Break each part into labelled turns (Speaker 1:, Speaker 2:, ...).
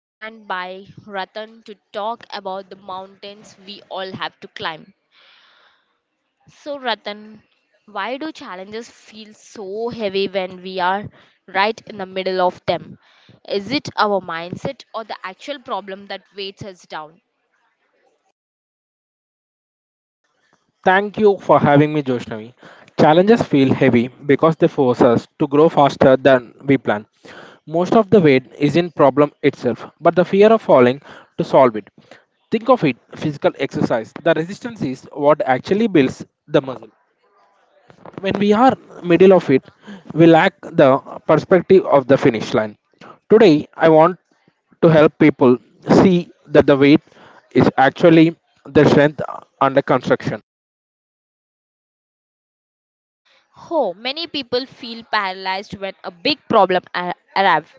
Speaker 1: joined by Ratan to talk about the mountains we all have to climb. So Ratan, why do challenges feel so heavy when we are right in the middle of them? Is it our mindset or the actual problem that weighs us down?
Speaker 2: Thank you for having me, Joshnavi. Challenges feel heavy because they force us to grow faster than we plan. Most of the weight is in problem itself, but the fear of falling to solve it. Think of it physical exercise. The resistance is what actually builds the muscle. When we are middle of it, we lack the perspective of the finish line. Today, I want to help people see that the weight is actually the strength under construction.
Speaker 1: Oh, many people feel paralyzed when a big problem arrives.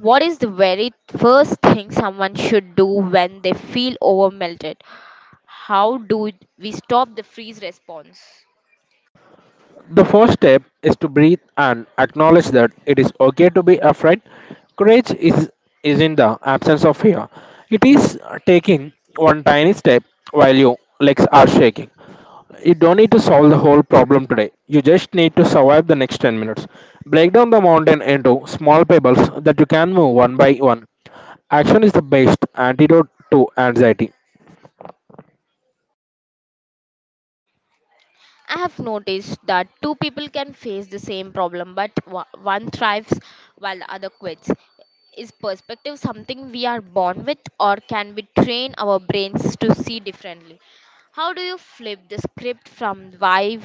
Speaker 1: What is the very first thing someone should do when they feel overmelted? How do we stop the freeze response?
Speaker 2: The first step is to breathe and acknowledge that it is okay to be afraid. Courage is in the absence of fear. It is taking one tiny step while your legs are shaking. You don't need to solve the whole problem today. You just need to survive the next 10 minutes. Break down the mountain into small pebbles that you can move one by one. Action is the best antidote to anxiety.
Speaker 1: I have noticed that two people can face the same problem, but one thrives while the other quits. Is perspective something we are born with, or can we train our brains to see differently? How do you flip the script from why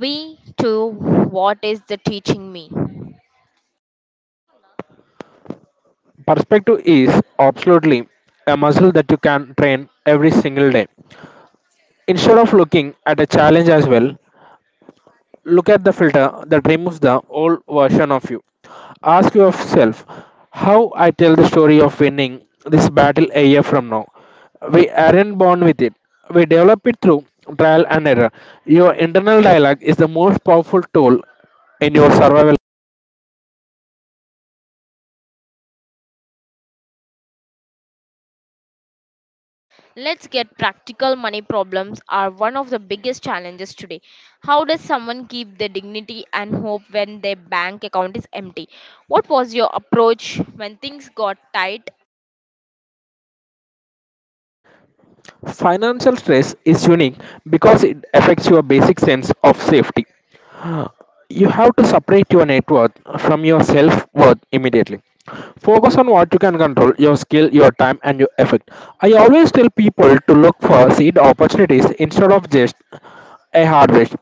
Speaker 1: we to what is the teaching me?
Speaker 2: Perspective is absolutely a muscle that you can train every single day. Instead of looking at a challenge as well, look at the filter that removes the old version of you. Ask yourself how I tell the story of winning this battle a year from now. We aren't born with it, we develop it through trial and error. Your internal dialogue is the most powerful tool in your survival.
Speaker 1: Let's get practical. Money problems are one of the biggest challenges today. How does someone keep their dignity and hope when their bank account is empty? What was your approach when things got tight?
Speaker 2: Financial stress is unique because it affects your basic sense of safety. You have to separate your net worth from your self worth immediately. Focus on what you can control your skill, your time, and your effort. I always tell people to look for seed opportunities instead of just a harvest.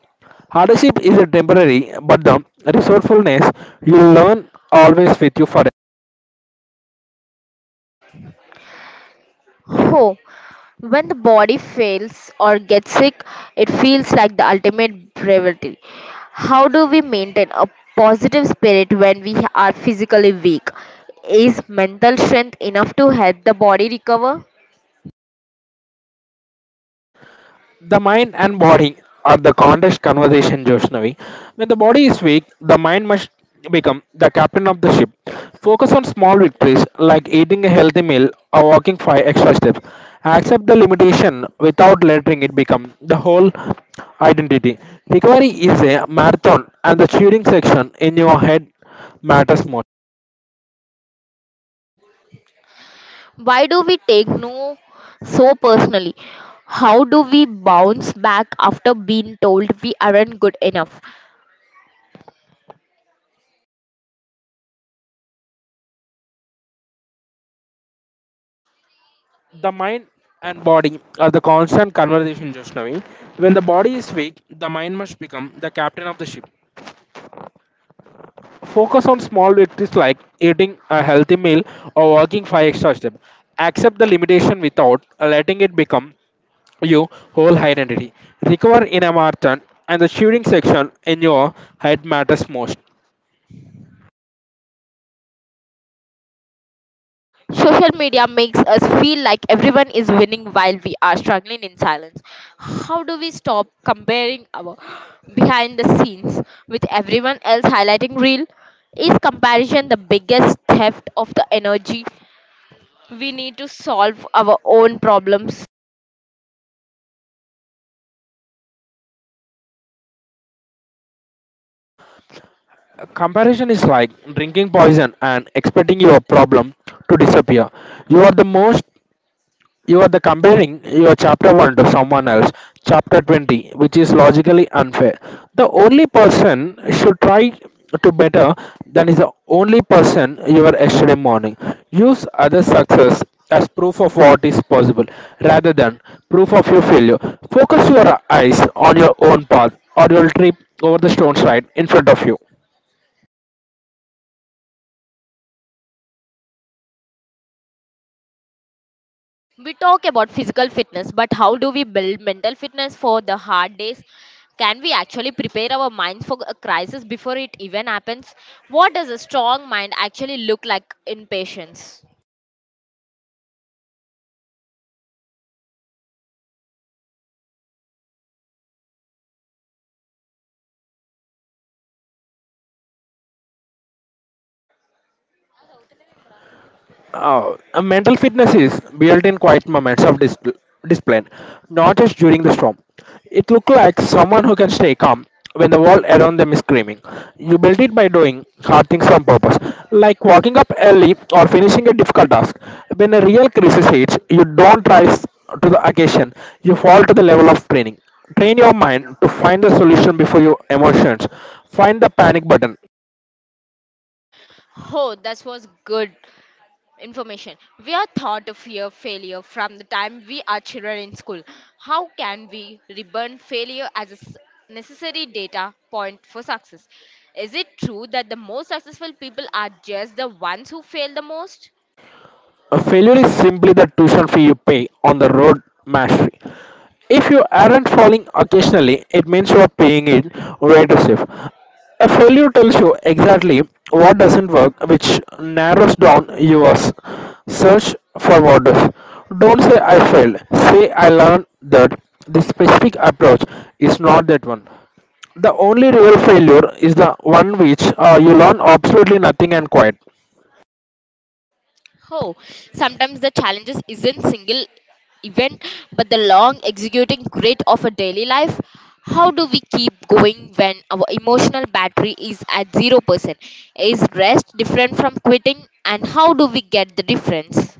Speaker 2: Hardship is a temporary, but the resourcefulness you learn always with you forever.
Speaker 1: Oh, when the body fails or gets sick, it feels like the ultimate bravery. How do we maintain a positive spirit when we are physically weak? Is mental strength enough to help the body recover?
Speaker 2: The mind and body are the contest conversation, Joshnavi. When the body is weak, the mind must become the captain of the ship. Focus on small victories like eating a healthy meal or walking 5 extra steps. Accept the limitation without letting it become the whole identity. Recovery is a marathon, and the shooting section in your head matters most.
Speaker 1: Why do we take no so personally? How do we bounce back after being told we aren't good enough?
Speaker 2: The mind and body are the constant conversation, Joshnavi. When the body is weak, the mind must become the captain of the ship. Focus on small victories like eating a healthy meal or walking five extra steps. Accept the limitation without letting it become your whole identity. Recover in a marathon and the shooting section in your head matters most.
Speaker 1: Social media makes us feel like everyone is winning while we are struggling in silence. How do we stop comparing our behind the scenes with everyone else highlighting real? Is comparison the biggest theft of the energy? We need to solve our own problems.
Speaker 2: Comparison is like drinking poison and expecting your problem to disappear. You are the most You are the comparing your chapter 1 to someone else, chapter 20, which is logically unfair. The only person should try to better than is the only person you were yesterday morning. Use other success as proof of what is possible rather than proof of your failure. Focus your eyes on your own path or your trip over the stone side in front of you.
Speaker 1: We talk about physical fitness, but how do we build mental fitness for the hard days? Can we actually prepare our minds for a crisis before it even happens? What does a strong mind actually look like in patients?
Speaker 2: Oh, Mental fitness is built in quiet moments of discipline, not just during the storm. It looks like someone who can stay calm when the world around them is screaming. You build it by doing hard things on purpose, like walking up early or finishing a difficult task. When a real crisis hits, you don't rise to the occasion, you fall to the level of training. Train your mind to find the solution before your emotions. Find the panic button.
Speaker 1: Oh, that was good information. We are taught to fear failure from the time we are children in school. How can we reburn failure as a necessary data point for success? Is it true that the most successful people are just the ones who fail the most?
Speaker 2: A failure is simply the tuition fee you pay on the road mastery. If you aren't falling occasionally, it means you are paying it way too safe. A failure tells you exactly what doesn't work, which narrows down your search for what does. Don't say I failed. Say I learned that this specific approach is not that one. The only real failure is the one which you learn absolutely nothing and quit.
Speaker 1: Oh, sometimes the challenges isn't single event, but the long executing grit of a daily life. How do we keep going when our emotional battery is at 0%? Is rest different from quitting, and how do we get the difference?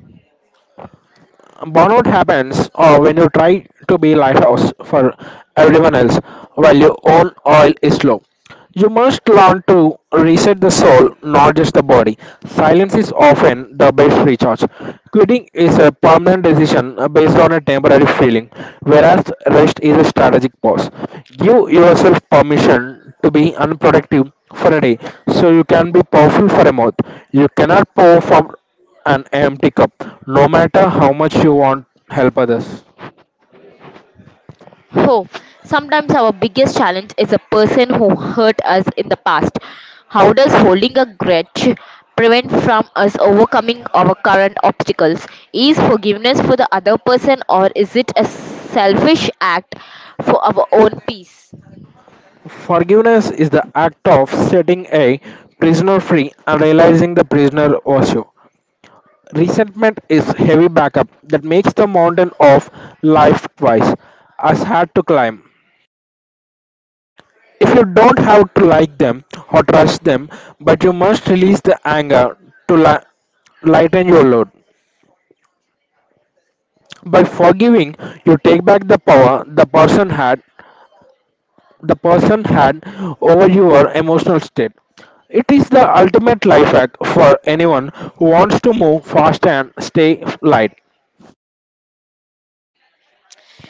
Speaker 2: Burnout happens when you try to be lighthouse for everyone else while your own oil is low. You must learn to reset the soul, not just the body. Silence is often the best recharge. Quitting is a permanent decision based on a temporary feeling, whereas rest is a strategic pause. Give yourself permission to be unproductive for a day so you can be powerful for a month. You cannot pour from an empty cup, no matter how much you want help others.
Speaker 1: Oh, sometimes our biggest challenge is a person who hurt us in the past. How does holding a grudge prevent from us overcoming our current obstacles? Is forgiveness for the other person or is it a selfish act for our own peace?
Speaker 2: Forgiveness is the act of setting a prisoner free and realizing the prisoner was you. Resentment is heavy backup that makes the mountain of life twice as hard to climb. If you don't have to like them or trust them, but you must release the anger to lighten your load. By forgiving, you take back the power the person had over your emotional state. It is the ultimate life hack for anyone who wants to move fast and stay light.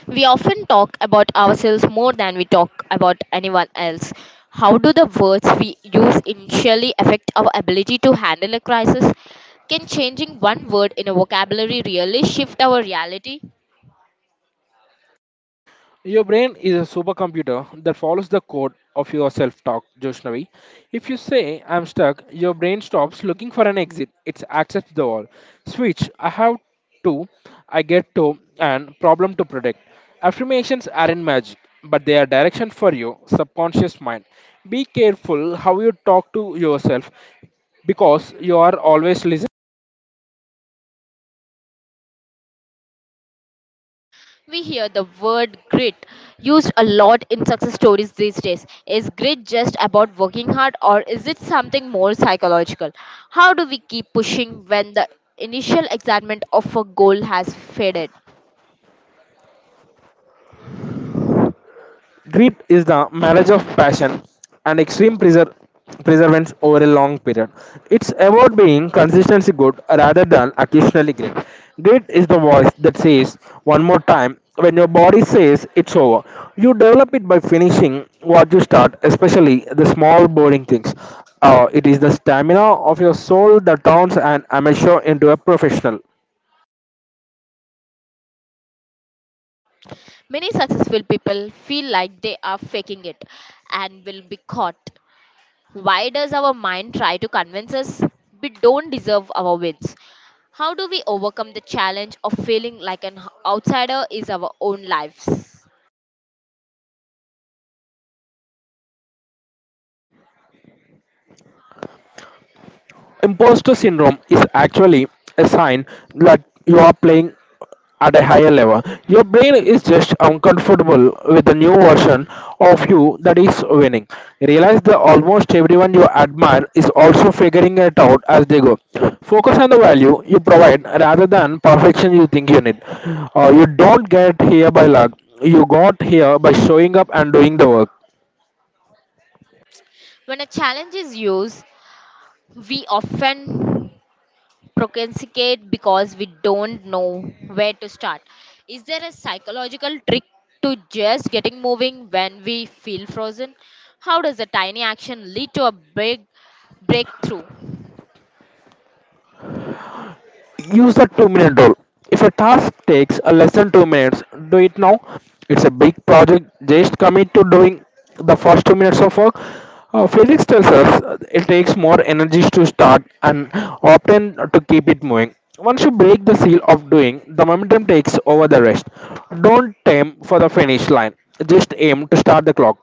Speaker 1: We often talk about ourselves more than we talk about anyone else. How do the words we use initially affect our ability to handle a crisis? Can changing one word in a vocabulary really shift our reality?
Speaker 2: Your brain is a supercomputer that follows the code of your self talk, Joshnavi. If you say, I'm stuck, your brain stops looking for an exit. It accepts the wall. Switch, I have to, I get to, and problem to predict. Affirmations aren't magic, but they are direction for your subconscious mind. Be careful how you talk to yourself because you are always listening.
Speaker 1: We hear the word grit used a lot in success stories these days. Is grit just about working hard or is it something more psychological? How do we keep pushing when the initial excitement of a goal has faded?
Speaker 2: Greed is the marriage of passion and extreme perseverance over a long period. It's about being consistently good rather than occasionally great. Greed is the voice that says one more time when your body says it's over. You develop it by finishing what you start, especially the small boring things. It is the stamina of your soul that turns an amateur into a professional.
Speaker 1: Many successful people feel like they are faking it and will be caught. Why does our mind try to convince us we don't deserve our wins? How do we overcome the challenge of feeling like an outsider is our own lives?
Speaker 2: Imposter syndrome is actually a sign that you are playing at a higher level. Your brain is just uncomfortable with the new version of you that is winning. Realize that almost everyone you admire is also figuring it out as they go. Focus on the value you provide rather than perfection you think you need. You don't get here by luck. You got here by showing up and doing the work.
Speaker 1: When a challenge is used, we often procrastinate because we don't know where to start. Is there a psychological trick to just getting moving when we feel frozen? How does a tiny action lead to a big breakthrough?
Speaker 2: Use the 2-minute rule. If a task takes a less than 2 minutes, do it now. It's a big project. Just commit to doing the first 2 minutes of work. Physics tells us it takes more energy to start and often to keep it moving. Once you break the seal of doing, the momentum takes over the rest. Don't aim for the finish line. Just aim to start the clock.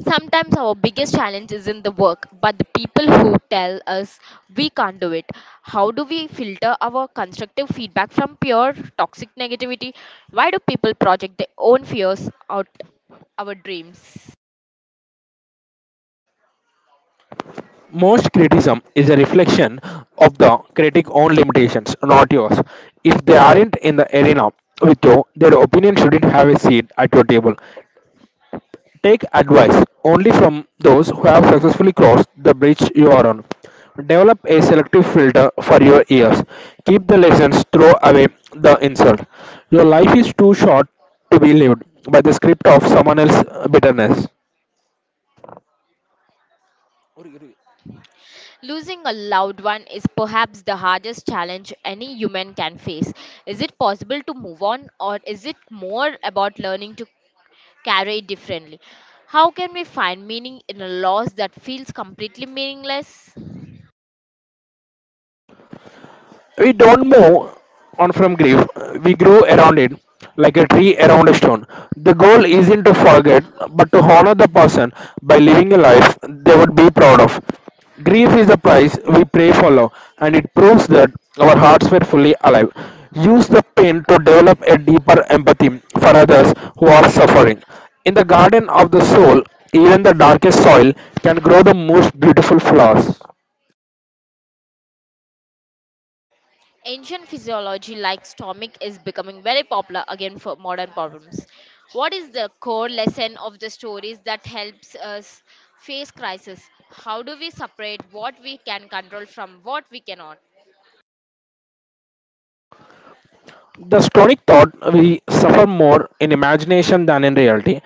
Speaker 1: Sometimes our biggest challenge is in the work, but the people who tell us we can't do it. How do we filter our constructive feedback from pure toxic negativity? Why do people project their own fears out our dreams?
Speaker 2: Most criticism is a reflection of the critic's own limitations, not yours. If they aren't in the arena with you, their opinion shouldn't have a seat at your table. Take advice only from those who have successfully crossed the bridge you are on. Develop a selective filter for your ears. Keep the lessons, throw away the insult. Your life is too short to be lived by the script of someone else's bitterness.
Speaker 1: Losing a loved one is perhaps the hardest challenge any human can face. Is it possible to move on, or is it more about learning to carry it differently? How can we find meaning in a loss that feels completely meaningless?
Speaker 2: We don't move on from grief, we grow around it, like a tree around a stone. The goal isn't to forget, but to honor the person by living a life they would be proud of. Grief is a price we pray for love, and it proves that our hearts were fully alive. Use the pain to develop a deeper empathy for others who are suffering. In the garden of the soul, even the darkest soil can grow the most beautiful flowers.
Speaker 1: Ancient physiology like stomach is becoming very popular again for modern problems. What is the core lesson of the stories that helps us face crisis? How do we separate what we can control from what we cannot?
Speaker 2: The Stonic thought we suffer more in imagination than in reality.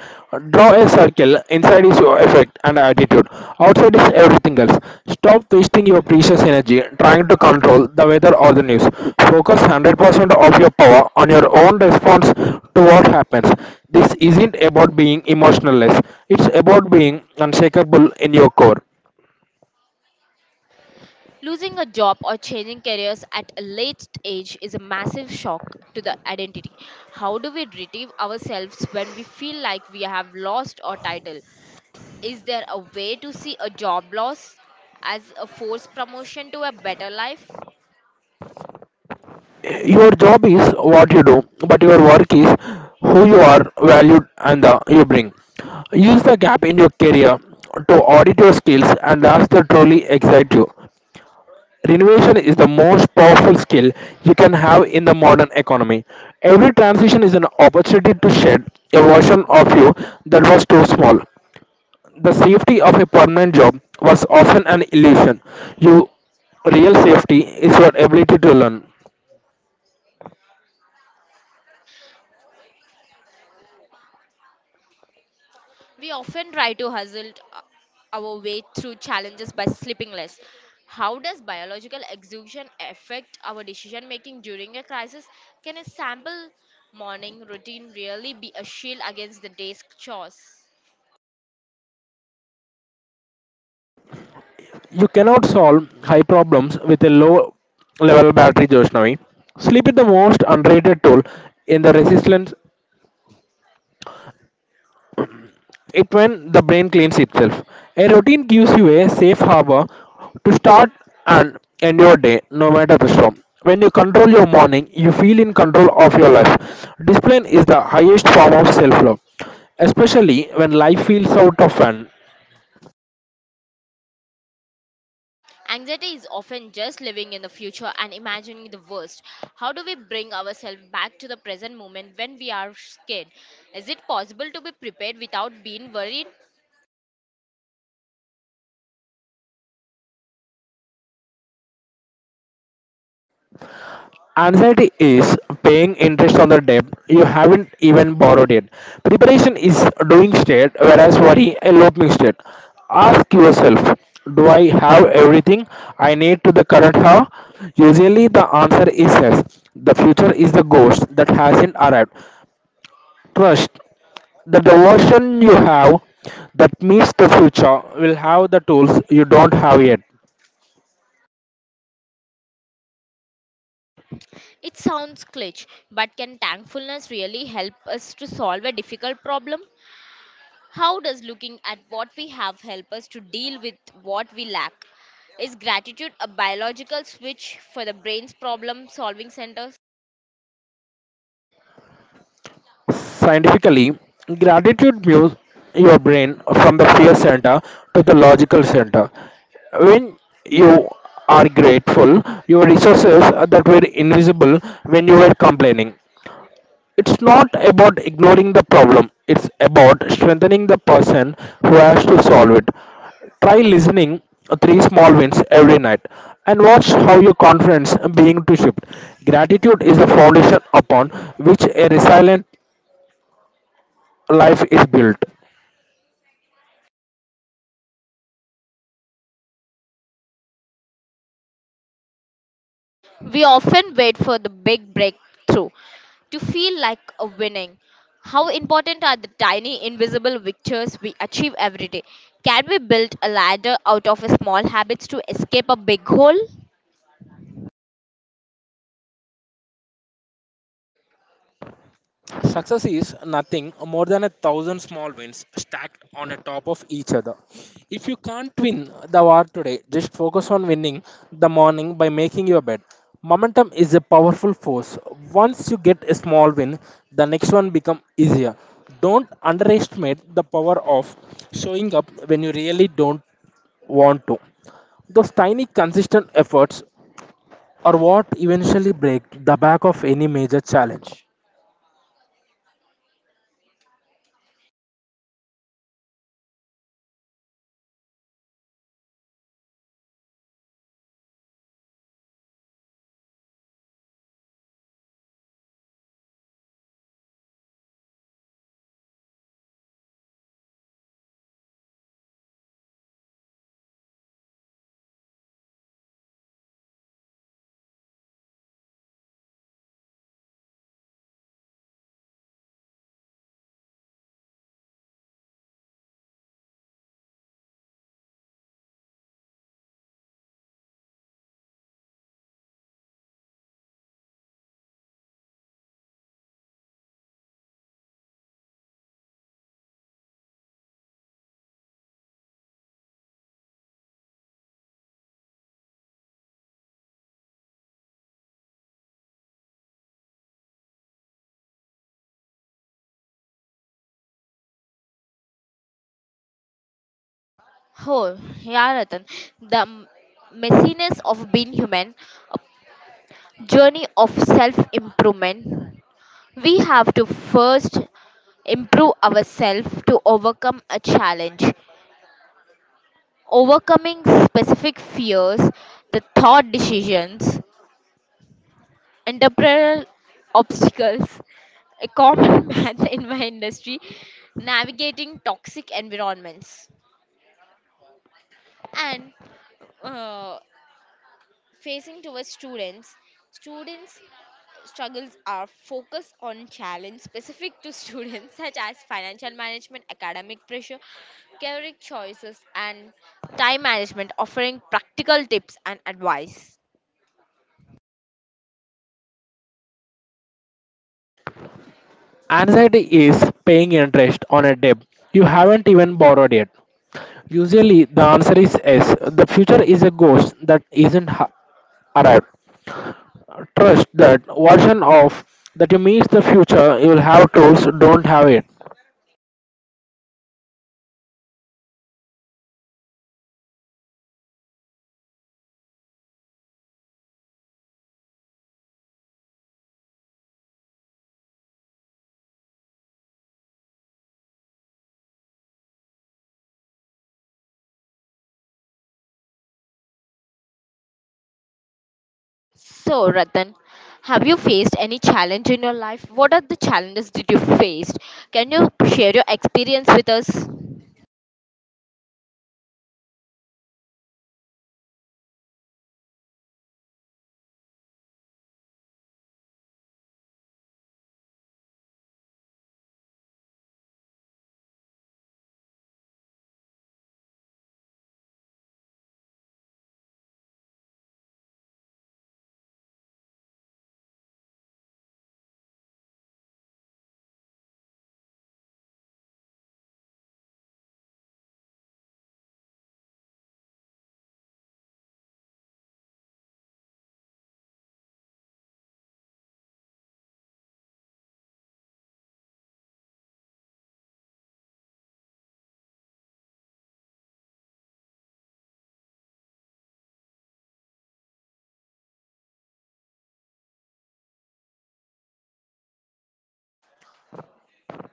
Speaker 2: Draw a circle, inside is your effect and attitude, outside is everything else. Stop wasting your precious energy trying to control the weather or the news. Focus 100% of your power on your own response to what happens. This isn't about being emotionless, it's about being unshakable in your core.
Speaker 1: Losing a job or changing careers at a late age is a massive shock to the identity. How do we retrieve ourselves when we feel like we have lost our title? Is there a way to see a job loss as a forced promotion to a better life?
Speaker 2: Your job is what you do, but your work is who you are valued and the you bring. Use the gap in your career to audit your skills and ask that truly excite you. Renovation is the most powerful skill you can have in the modern economy. Every transition is an opportunity to shed a version of you that was too small. The safety of a permanent job was often an illusion. Your real safety is your ability to learn.
Speaker 1: We often try to hustle our way through challenges by sleeping less. How does biological exhaustion affect our decision making during a crisis? Can a sample morning routine really be a shield against the day's chores?
Speaker 2: You cannot solve high problems with a low level battery, Joshnavi. Sleep is the most underrated tool in the resistance it when the brain cleans itself. A routine gives you a safe harbor to start and end your day no matter the storm. When you control your morning, you feel in control of your life. Discipline is the highest form of self love, especially when life feels out of hand.
Speaker 1: Anxiety is often just living in the future and imagining the worst. How do we bring ourselves back to the present moment when we are scared? Is it possible to be prepared without being worried?
Speaker 2: Anxiety is paying interest on the debt you haven't even borrowed yet. Preparation is doing state, whereas worry a looping state. Ask yourself, do I have everything I need to the current hour? Usually the answer is yes. The future is the ghost that hasn't arrived. Trust that the version you have that meets the future will have the tools you don't have yet.
Speaker 1: It sounds cliché, but can thankfulness really help us to solve a difficult problem? How does looking at what we have help us to deal with what we lack? Is gratitude a biological switch for the brain's problem solving centers?
Speaker 2: Scientifically, gratitude moves your brain from the fear center to the logical center. When you are grateful, your resources that were invisible when you were complaining. It's not about ignoring the problem, it's about strengthening the person who has to solve it. Try listening three small wins every night and watch how your confidence being to shift. Gratitude is the foundation upon which a resilient life is built.
Speaker 1: We often wait for the big breakthrough to feel like a winning. How important are the tiny invisible victories we achieve every day? Can we build a ladder out of small habits to escape a big hole?
Speaker 2: Success is nothing more than a thousand small wins stacked on a top of each other. If you can't win the war today, just focus on winning the morning by making your bed. Momentum is a powerful force. Once you get a small win, the next one becomes easier. Don't underestimate the power of showing up when you really don't want to. Those tiny consistent efforts are what eventually break the back of any major challenge.
Speaker 1: Oh, yeah, Ratan. The messiness of being human, a journey of self improvement. We have to first improve ourselves to overcome a challenge. Overcoming specific fears, the thought decisions, entrepreneurial obstacles, a common math in my industry, navigating toxic environments. And uh, facing towards students struggles are focused on challenge specific to students such as financial management academic pressure career choices and time management offering practical tips and advice.
Speaker 2: Anxiety is paying interest on a debt you haven't even borrowed yet. Usually, the answer is yes. The future is a ghost that isn't ha- arrived. Trust that version of that you meet the future, you will have tools, don't have it.
Speaker 1: So Ratan, have you faced any challenge in your life? What are the challenges did you face? Can you share your experience with us?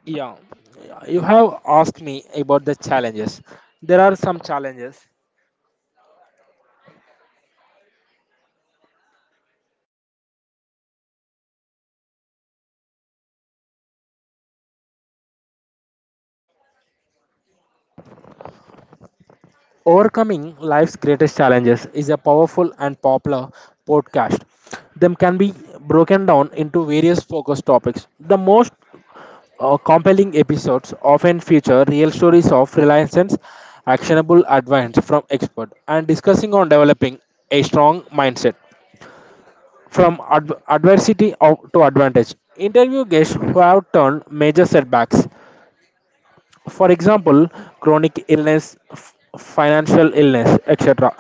Speaker 2: Yeah, you have asked me about the challenges. There are some challenges. Overcoming life's greatest challenges is a powerful and popular podcast. Them can be broken down into various focus topics. The most Compelling episodes often feature real stories of reliances, actionable advice from experts, and discussing on developing a strong mindset from adversity to advantage. Interview guests who have turned major setbacks, for example, chronic illness, financial illness, etc.,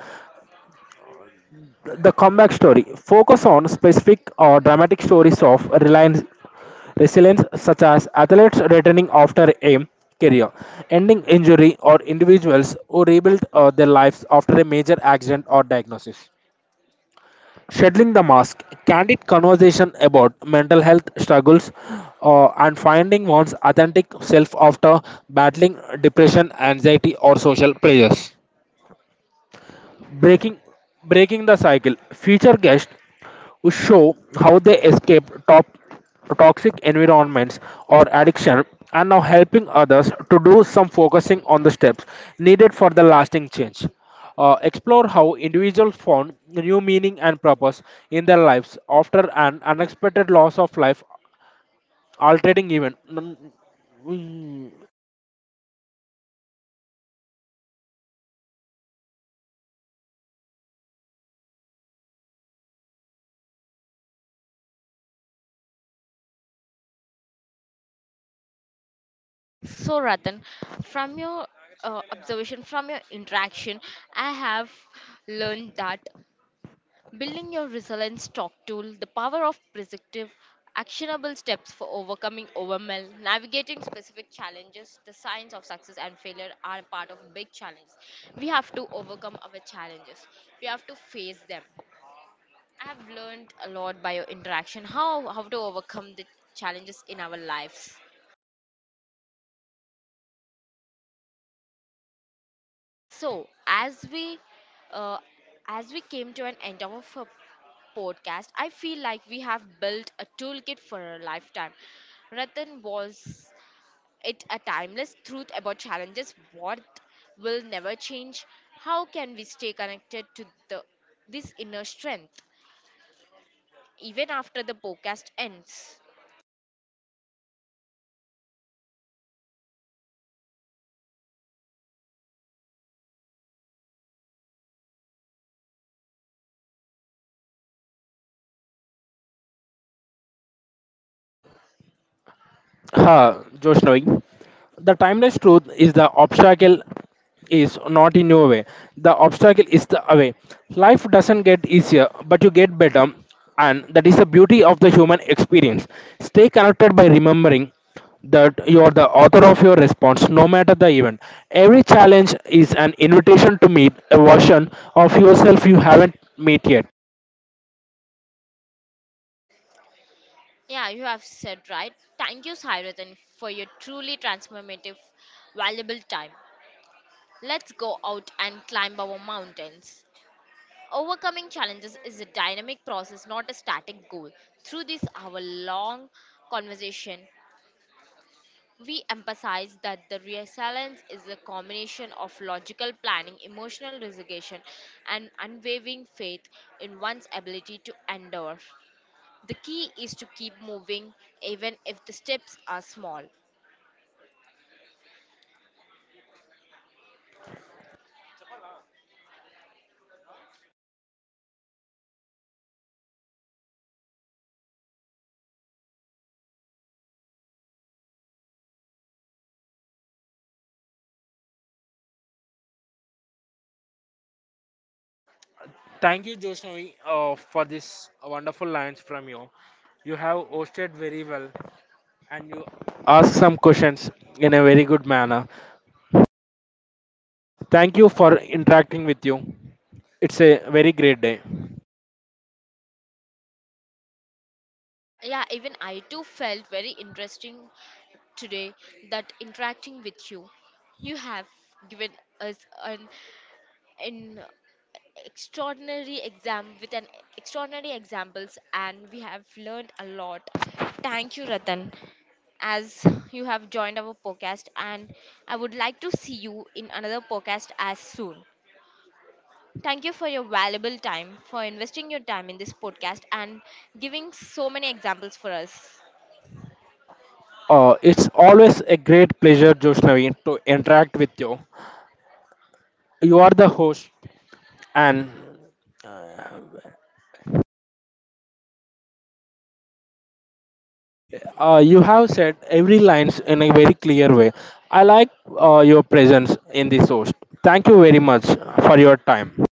Speaker 2: the comeback story focus on specific or dramatic stories of reliance resilience such as athletes returning after a career ending injury or individuals who rebuild their lives after a major accident or diagnosis shedding the mask candid conversation about mental health struggles, and finding one's authentic self after battling depression anxiety or social pressures. Breaking Breaking the Cycle. Future guests will show how they escape top toxic environments or addiction and now helping others to do some focusing on the steps needed for the lasting change. Explore how individuals found new meaning and purpose in their lives after an unexpected loss of life, altering even. Hmm,
Speaker 1: So, Ratan, from your observation, from your interaction, I have learned that building your resilience talk tool, the power of prescriptive, actionable steps for overcoming overwhelm, navigating specific challenges, the signs of success and failure are part of big challenge. We have to overcome our challenges. We have to face them. I have learned a lot by your interaction how to overcome the challenges in our lives. So, uh, as we came to an end of our podcast, I feel like we have built a toolkit for a lifetime. Ratan, was it a timeless truth about challenges? What will never change? How can we stay connected to the this inner strength even after the podcast ends?
Speaker 2: हाँ जोश नवी, the timeless truth is the obstacle is not in your way, the obstacle is the way. Life doesn't get easier but you get better, and that is the beauty of the human experience. Stay connected by remembering that you are the author of your response no matter the event. Every challenge is an invitation to meet a version of yourself you haven't met yet.
Speaker 1: Yeah, you have said right. Thank you, Sairatan, for your truly transformative, valuable time. Let's go out and climb our mountains. Overcoming challenges is a dynamic process, not a static goal. Through this hour long conversation, we emphasize that the resilience is a combination of logical planning, emotional resignation, and unwavering faith in one's ability to endure. The key is to keep moving even if the steps are small.
Speaker 2: Said very well, and you ask some questions in a very good manner. Thank you for interacting with you. It's a very great day.
Speaker 1: Yeah, even I too felt very interesting today that interacting with you, you have given us an, an extraordinary exam with an extraordinary examples and we have learned a lot. Thank you, Ratan, as you have joined our podcast and I would like to see you in another podcast as soon. Thank you for your valuable time, for investing your time in this podcast and giving so many examples for us.
Speaker 2: It's always a great pleasure, Joshnavi, to interact with you. You are the host, and uh, you have said every lines in a very clear way. I like your presence in this host. Thank you very much for your time.